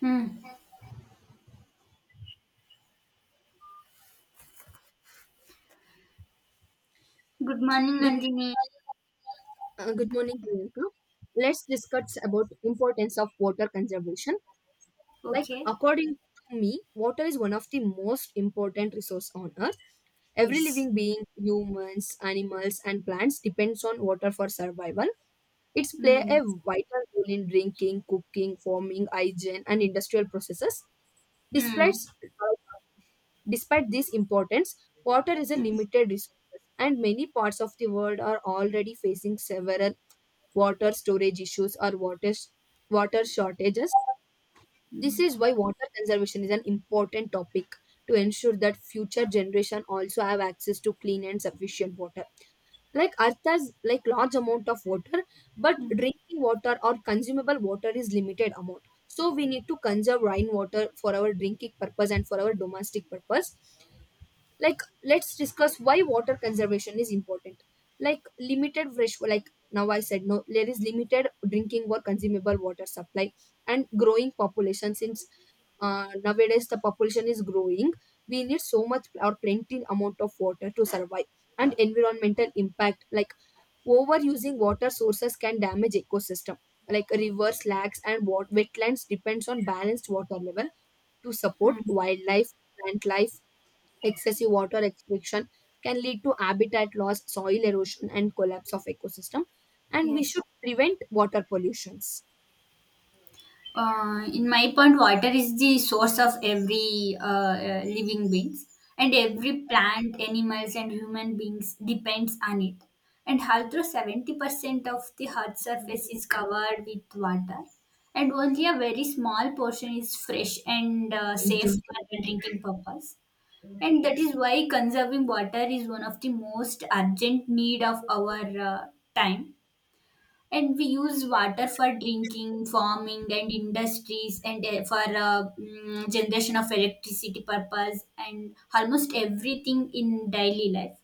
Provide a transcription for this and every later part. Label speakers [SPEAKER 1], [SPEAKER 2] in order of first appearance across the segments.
[SPEAKER 1] Hmm. Good morning,
[SPEAKER 2] Good,
[SPEAKER 1] Nandini.
[SPEAKER 2] good morning, Priyanka. Let's discuss about importance of water conservation. Like
[SPEAKER 1] Okay.
[SPEAKER 2] according to me, water is one of the most important resource on earth. Every
[SPEAKER 1] Yes.
[SPEAKER 2] living being, humans, animals, and plants depends on water for survival. It's play
[SPEAKER 1] Mm.
[SPEAKER 2] a vital role in drinking, cooking, farming, hygiene, and industrial processes. Despite
[SPEAKER 1] Mm.
[SPEAKER 2] despite this importance, water is a
[SPEAKER 1] Mm.
[SPEAKER 2] limited resource, and many parts of the world are already facing several water storage issues or water shortages. This
[SPEAKER 1] Mm.
[SPEAKER 2] is why water conservation is an important topic to ensure that future generation also have access to clean and sufficient water. Like Earth has like large amount of water, but
[SPEAKER 1] Mm.
[SPEAKER 2] drinking water or consumable water is limited amount. So we need to conserve rainwater for our drinking purpose and for our domestic purpose, like let's discuss why water conservation is important, like limited fresh, like now I said no, there is limited drinking or consumable water supply and growing population. Since nowadays the population is growing, we need so much or plenty amount of water to survive, and environmental impact, like overusing water sources can damage ecosystem like rivers, lakes, and wetlands depends on balanced water level to support
[SPEAKER 1] Mm.
[SPEAKER 2] wildlife, plant life. Excessive water restriction can lead to habitat loss, soil erosion, and collapse of ecosystem, and we
[SPEAKER 1] Yes.
[SPEAKER 2] should prevent water pollutions.
[SPEAKER 1] In my point, water is the source of every living beings, and every plant, animals, and human beings depends on it. And although 70% of the earth surface is covered with water, and only a very small portion is fresh and safe for drinking purpose. And that is why conserving water is one of the most urgent need of our time. And we use water for drinking, farming, and industries, and for generation of electricity purpose, and almost everything in daily life.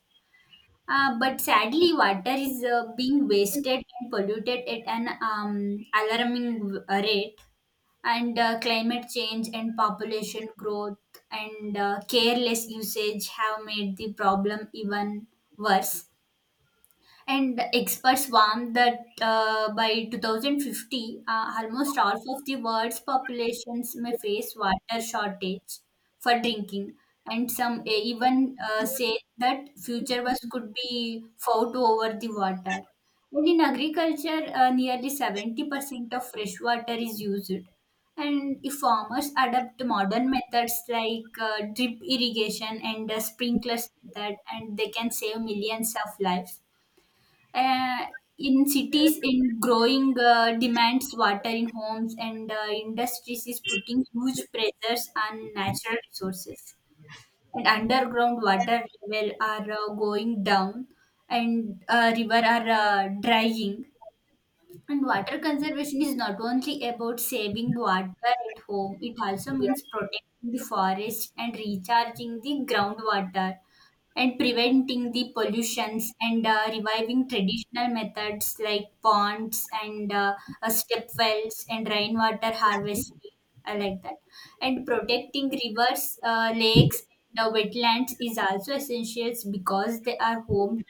[SPEAKER 1] But sadly, water is being wasted and polluted at an alarming rate. And climate change and population growth and careless usage have made the problem even worse. And experts warn that by 2050, almost half of the world's populations may face water shortage for drinking. And some even say that future was could be fought over the water. And in agriculture, nearly 70% of fresh water is used. And if farmers adopt modern methods like drip irrigation and sprinklers method, and they can save millions of lives uh, in cities in growing demands water in homes and industries is putting huge pressures on natural resources, and underground water level are going down, and river are drying. And water conservation is not only about saving water at home, it also means protecting the forest and recharging the groundwater and preventing the pollutions and reviving traditional methods like ponds and step wells and rainwater harvesting. I like that. And protecting rivers, lakes, and wetlands is also essential because they are home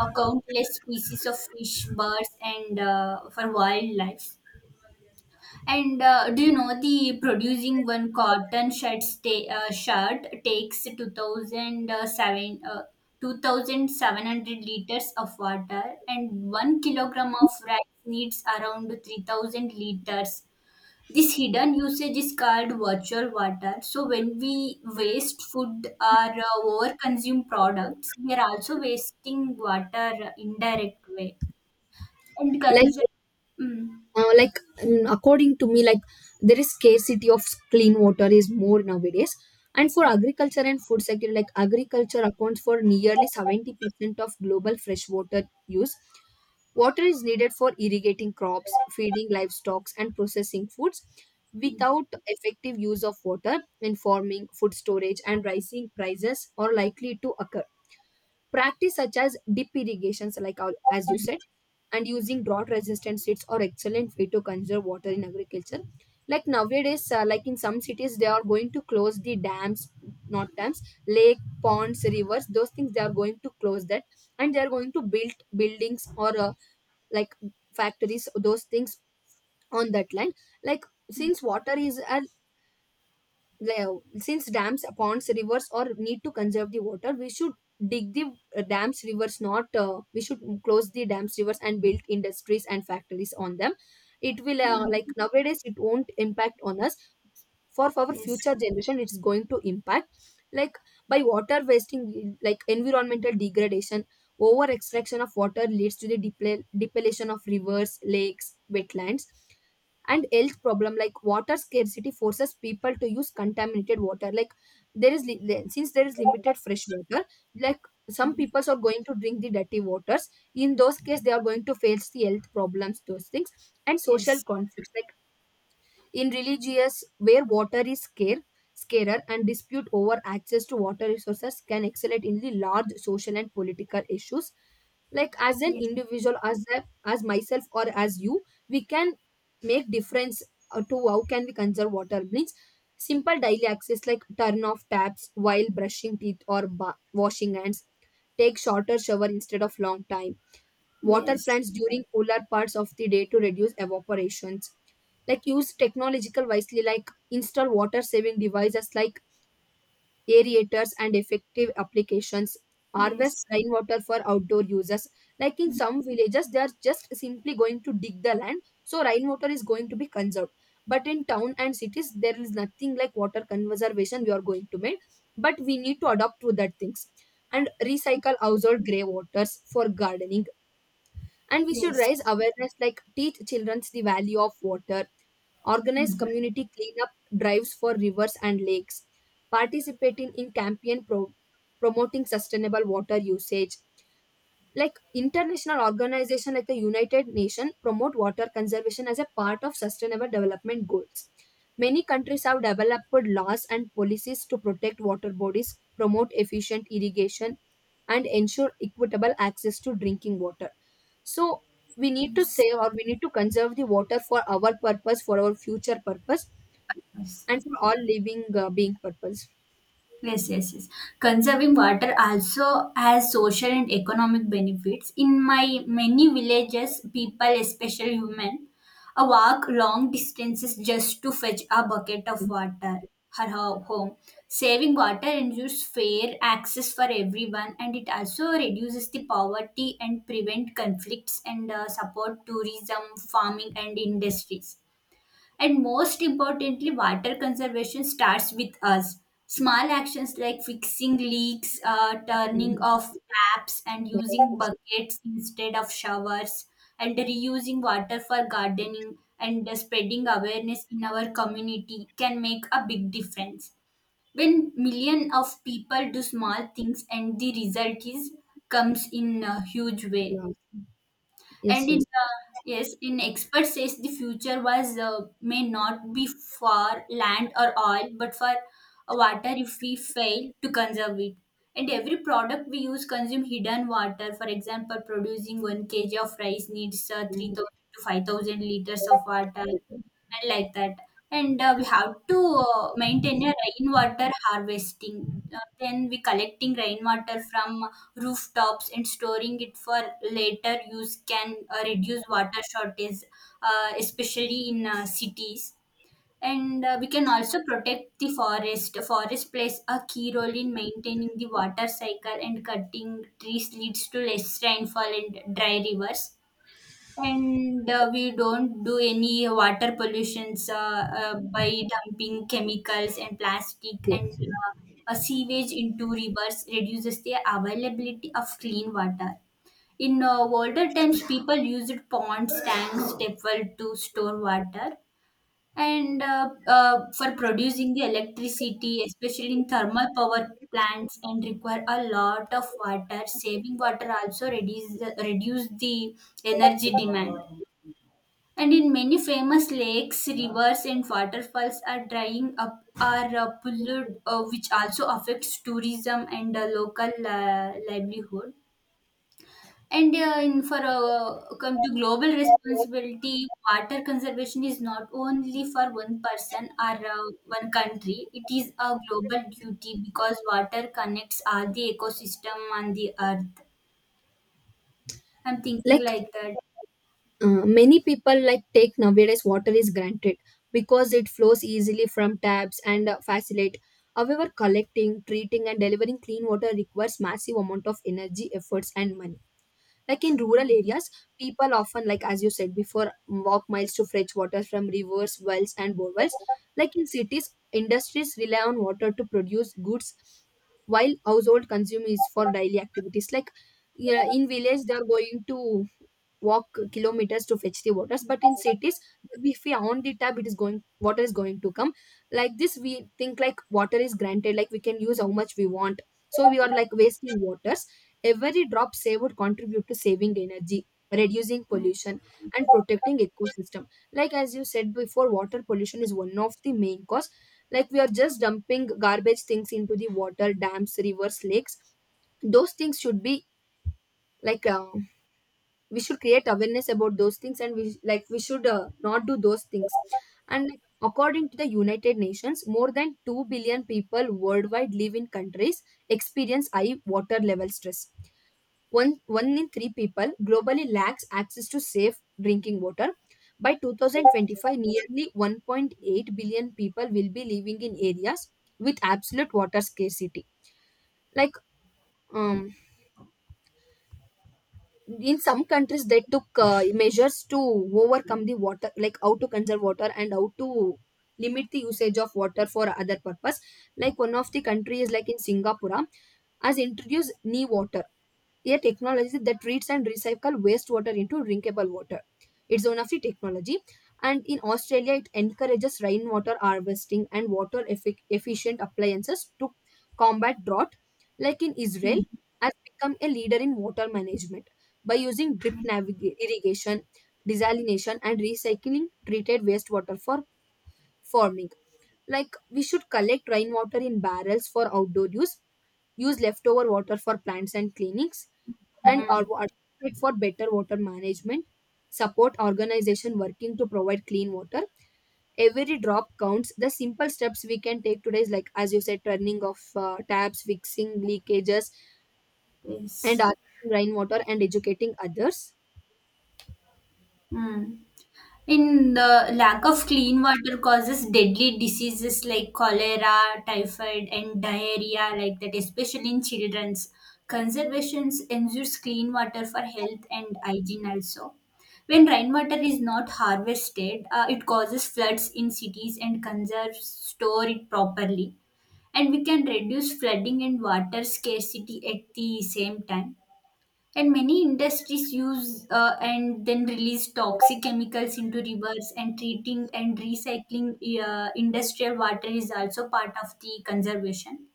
[SPEAKER 1] countless species of fish, birds, and for wildlife. And do you know the producing one cotton shirt, shirt takes 2,700 liters of water, and 1 kg of rice needs around 3,000 liters. This hidden usage is called virtual water. So when we waste food or over consume products, we are also wasting water indirect way. And
[SPEAKER 2] Like
[SPEAKER 1] consume. Mm.
[SPEAKER 2] uh, like according to me, like there is scarcity of clean water is more nowadays, and for agriculture and food sector, like agriculture accounts for nearly 70% of global fresh water use. Water is needed for irrigating crops, feeding livestock, and processing foods.
[SPEAKER 1] Mm.
[SPEAKER 2] Without effective use of water in farming, food storage and rising prices are likely to occur. Practice such as deep irrigations, like our- as you said, and using drought resistant seeds are excellent way to conserve water in agriculture. Like nowadays, like in some cities, they are going to close the dams, not dams, lake, ponds, rivers, those things they are going to close that, and they are going to build buildings or like factories, those things on that land. Like since water is a le- since dams, ponds, rivers, or need to conserve the water, we should dig the dams, rivers, not we should close the dams, rivers and build industries and factories on them. It will
[SPEAKER 1] Mm.
[SPEAKER 2] like nowadays it won't impact on us, for our
[SPEAKER 1] Yes.
[SPEAKER 2] future generation it's going to impact. Like by water wasting, like environmental degradation, over extraction of water leads to the depletion of rivers, lakes, wetlands, and health problem like water scarcity forces people to use contaminated water. Like there is since there is limited fresh water, like some
[SPEAKER 1] Mm.
[SPEAKER 2] peoples are going to drink the dirty waters, in those cases they are going to face the health problems, those things, and social
[SPEAKER 1] Yes.
[SPEAKER 2] conflicts. Like in religious where water is scarce, scarer, and dispute over access to water resources can escalate in the large social and political issues. Like as an
[SPEAKER 1] Yes.
[SPEAKER 2] individual, as a, as myself or as you, we can make difference, to how can we conserve water means simple daily access like turn off taps while brushing teeth or washing hands, take shorter shower instead of long time, water
[SPEAKER 1] Yes.
[SPEAKER 2] plants during cooler parts of the day to reduce evaporations. Like use technological wisely, like install water saving devices like aerators and effective applications, harvest
[SPEAKER 1] Yes.
[SPEAKER 2] rainwater for outdoor uses. Like in some villages they are just simply going to dig the land so rainwater is going to be conserved, but in town and cities there is nothing like water conservation we are going to make, but we need to adopt to that things, and recycle household grey waters for gardening. And we should
[SPEAKER 1] Yes.
[SPEAKER 2] raise awareness, like teach children the value of water, organize
[SPEAKER 1] Mhm.
[SPEAKER 2] community cleanup drives for rivers and lakes, participating in campaign promoting sustainable water usage. Like international organization like the United Nations promote water conservation as a part of sustainable development goals. Many countries have developed laws and policies to protect water bodies, promote efficient irrigation, and ensure equitable access to drinking water. So we need to
[SPEAKER 1] Yes.
[SPEAKER 2] save or we need to conserve the water for our purpose, for our future purpose,
[SPEAKER 1] Yes.
[SPEAKER 2] and for all living being purpose.
[SPEAKER 1] Yes, yes, yes. Conserving water also has social and economic benefits. In my many villages, people, especially women, walk long distances just to fetch a bucket of water her home. Saving water ensures fair access for everyone, and it also reduces the poverty and prevent conflicts and support tourism, farming, and industries. And most importantly, water conservation starts with us. Small actions like fixing leaks, turning
[SPEAKER 2] Mhm.
[SPEAKER 1] off taps, and using buckets instead of showers, and reusing water for gardening and spreading awareness in our community can make a big difference. When millions of people do small things, and the result is comes in a huge way.
[SPEAKER 2] Yes,
[SPEAKER 1] And in
[SPEAKER 2] yes, yes.
[SPEAKER 1] yes, in expert says the future was may not be for land or oil but for water if we fail to conserve it. And every product we use consume hidden water, for example, producing 1 kg of rice needs
[SPEAKER 2] Mhm.
[SPEAKER 1] 3,000 to 5,000 liters of water. I like that. And we have to maintain a rainwater harvesting. Then we collecting rainwater from rooftops and storing it for later use can reduce water shortage, especially in cities. And we can also protect the forest. Forest plays a key role in maintaining the water cycle, and cutting trees leads to less rainfall and dry rivers. And we don't do any water pollutions by dumping chemicals and plastic and
[SPEAKER 2] Yes, yes.
[SPEAKER 1] sewage into rivers reduces the availability of clean water. In older times, people used ponds, tanks, stepwell to store water. And for producing the electricity, especially in thermal power plants, and require a lot of water. Saving water also reduce the energy demand. And in many famous lakes, rivers, and waterfalls are drying up or polluted, which also affects tourism and local livelihood. And in for come to global responsibility, water conservation is not only for one person or one country. It is a global duty because water connects all the ecosystem on the earth. I'm thinking
[SPEAKER 2] Like
[SPEAKER 1] like that.
[SPEAKER 2] many people like take nowadays water is granted because it flows easily from taps and facilitate, however collecting, treating, and delivering clean water requires massive amount of energy, efforts, and money. Like in rural
[SPEAKER 1] Mm,
[SPEAKER 2] areas, people often, like as you said before, walk miles to fetch water from rivers, wells, and borewells. Like in cities, industries rely on water to produce goods, while household consume is for daily activities. Like yeah, in village, they are going to walk kilometers to fetch the waters, but in cities if we on the tap it is going, water is going to come. Like this we think like water is granted, like we can use how much we want, so we are like wasting waters. Every drop saved would contribute to saving energy, reducing
[SPEAKER 1] mm,
[SPEAKER 2] pollution, and protecting ecosystem. Like as you said before, water pollution is one of the main cause. Like we are just dumping garbage things into the water, dams, rivers, lakes. Those things should be like uh, we should create awareness about those things, and we like we should not do those things. And like, according to the United Nations, more than 2 billion people worldwide live in countries experience high water level stress. One in three people globally lacks access to safe drinking water. By 2025, nearly 1.8 billion people will be living in areas with absolute water scarcity. Like, um, in some countries, they took measures to overcome the water, like how to conserve water and how to limit the usage of water for other purpose. Like one of the countries, like in Singapore, has introduced new water a technology that treats and recycles wastewater into drinkable water. It's one of the technology, and in Australia, it encourages rainwater harvesting and water efficient appliances to combat drought. Like in Israel,
[SPEAKER 1] mm,
[SPEAKER 2] has become a leader in water management by using drip
[SPEAKER 1] mm,
[SPEAKER 2] irrigation, desalination, and recycling treated wastewater for farming. Like we should collect rainwater in barrels for outdoor use, use leftover water for plants and clinics, and
[SPEAKER 1] mm,
[SPEAKER 2] or advocate for better water management. Support organization working to provide clean water. Every drop counts. The simple steps we can take today is like, as you said, turning off taps, fixing leakages, and
[SPEAKER 1] yes.
[SPEAKER 2] harvesting rainwater and educating others.
[SPEAKER 1] Mm. In the lack of clean water causes deadly diseases like cholera, typhoid, and diarrhea, like that, especially in children's. Conservation ensures clean water for health and hygiene also. When rainwater is not harvested, it causes floods in cities and conserves store it properly. And we can reduce flooding and water scarcity at the same time. And many industries use and then release toxic chemicals into rivers, and treating and recycling industrial water is also part of the conservation.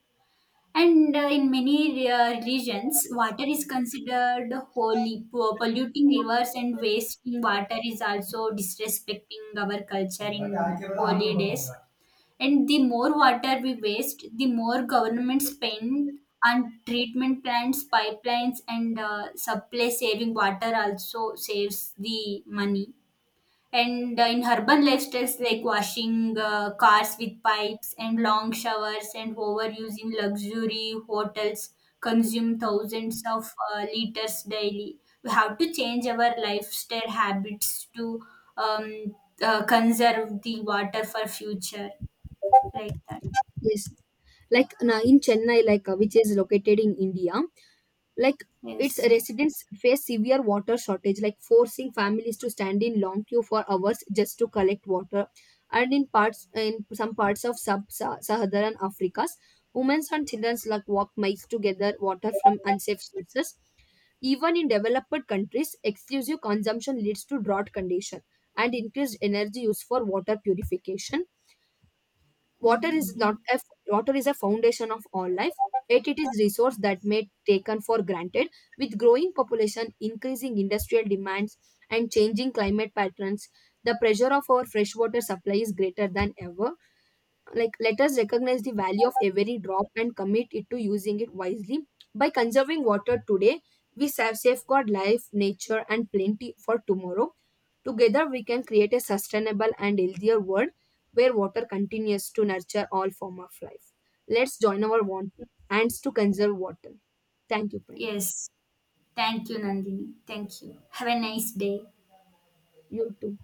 [SPEAKER 1] And in many regions, water is considered holy. Polluting rivers and wasting water is also disrespecting our culture in holy days. And the more water we waste, the more government spend on treatment plants, pipelines, and supply. Saving water also saves the money. And in urban lifestyles like washing cars with pipes and long showers and overuse in luxury hotels consume
[SPEAKER 2] Mm.
[SPEAKER 1] thousands of liters daily. We have to change our lifestyle habits to um, conserve the water for future like that.
[SPEAKER 2] Yes, like na in Chennai, like which is located in India, like its
[SPEAKER 1] Yes.
[SPEAKER 2] residents face severe water shortage, like forcing families to stand in long queue for hours just to collect water, and in parts, in some parts of sub-Saharan Africa's, women and children like walk miles to gather water from unsafe sources. Even in developed countries exclusive consumption leads to drought condition and increased energy use for water purification. Water is
[SPEAKER 1] Mhm.
[SPEAKER 2] not a water is a foundation of all life, yet it is resource that may taken for granted. With growing population, increasing industrial demands, and changing climate patterns, the pressure of our freshwater supply is greater than ever. Like let us recognize the value of every drop and commit it to using it wisely. By conserving water today, we save, safeguard life, nature, and plenty for tomorrow. Together, we can create a sustainable and healthier world where water continues to nurture all form of life. Let's join our one hands to conserve water. Thank you, Priyanka.
[SPEAKER 1] Yes. Thank you, Nandini. Thank you. Have a nice day.
[SPEAKER 2] You too.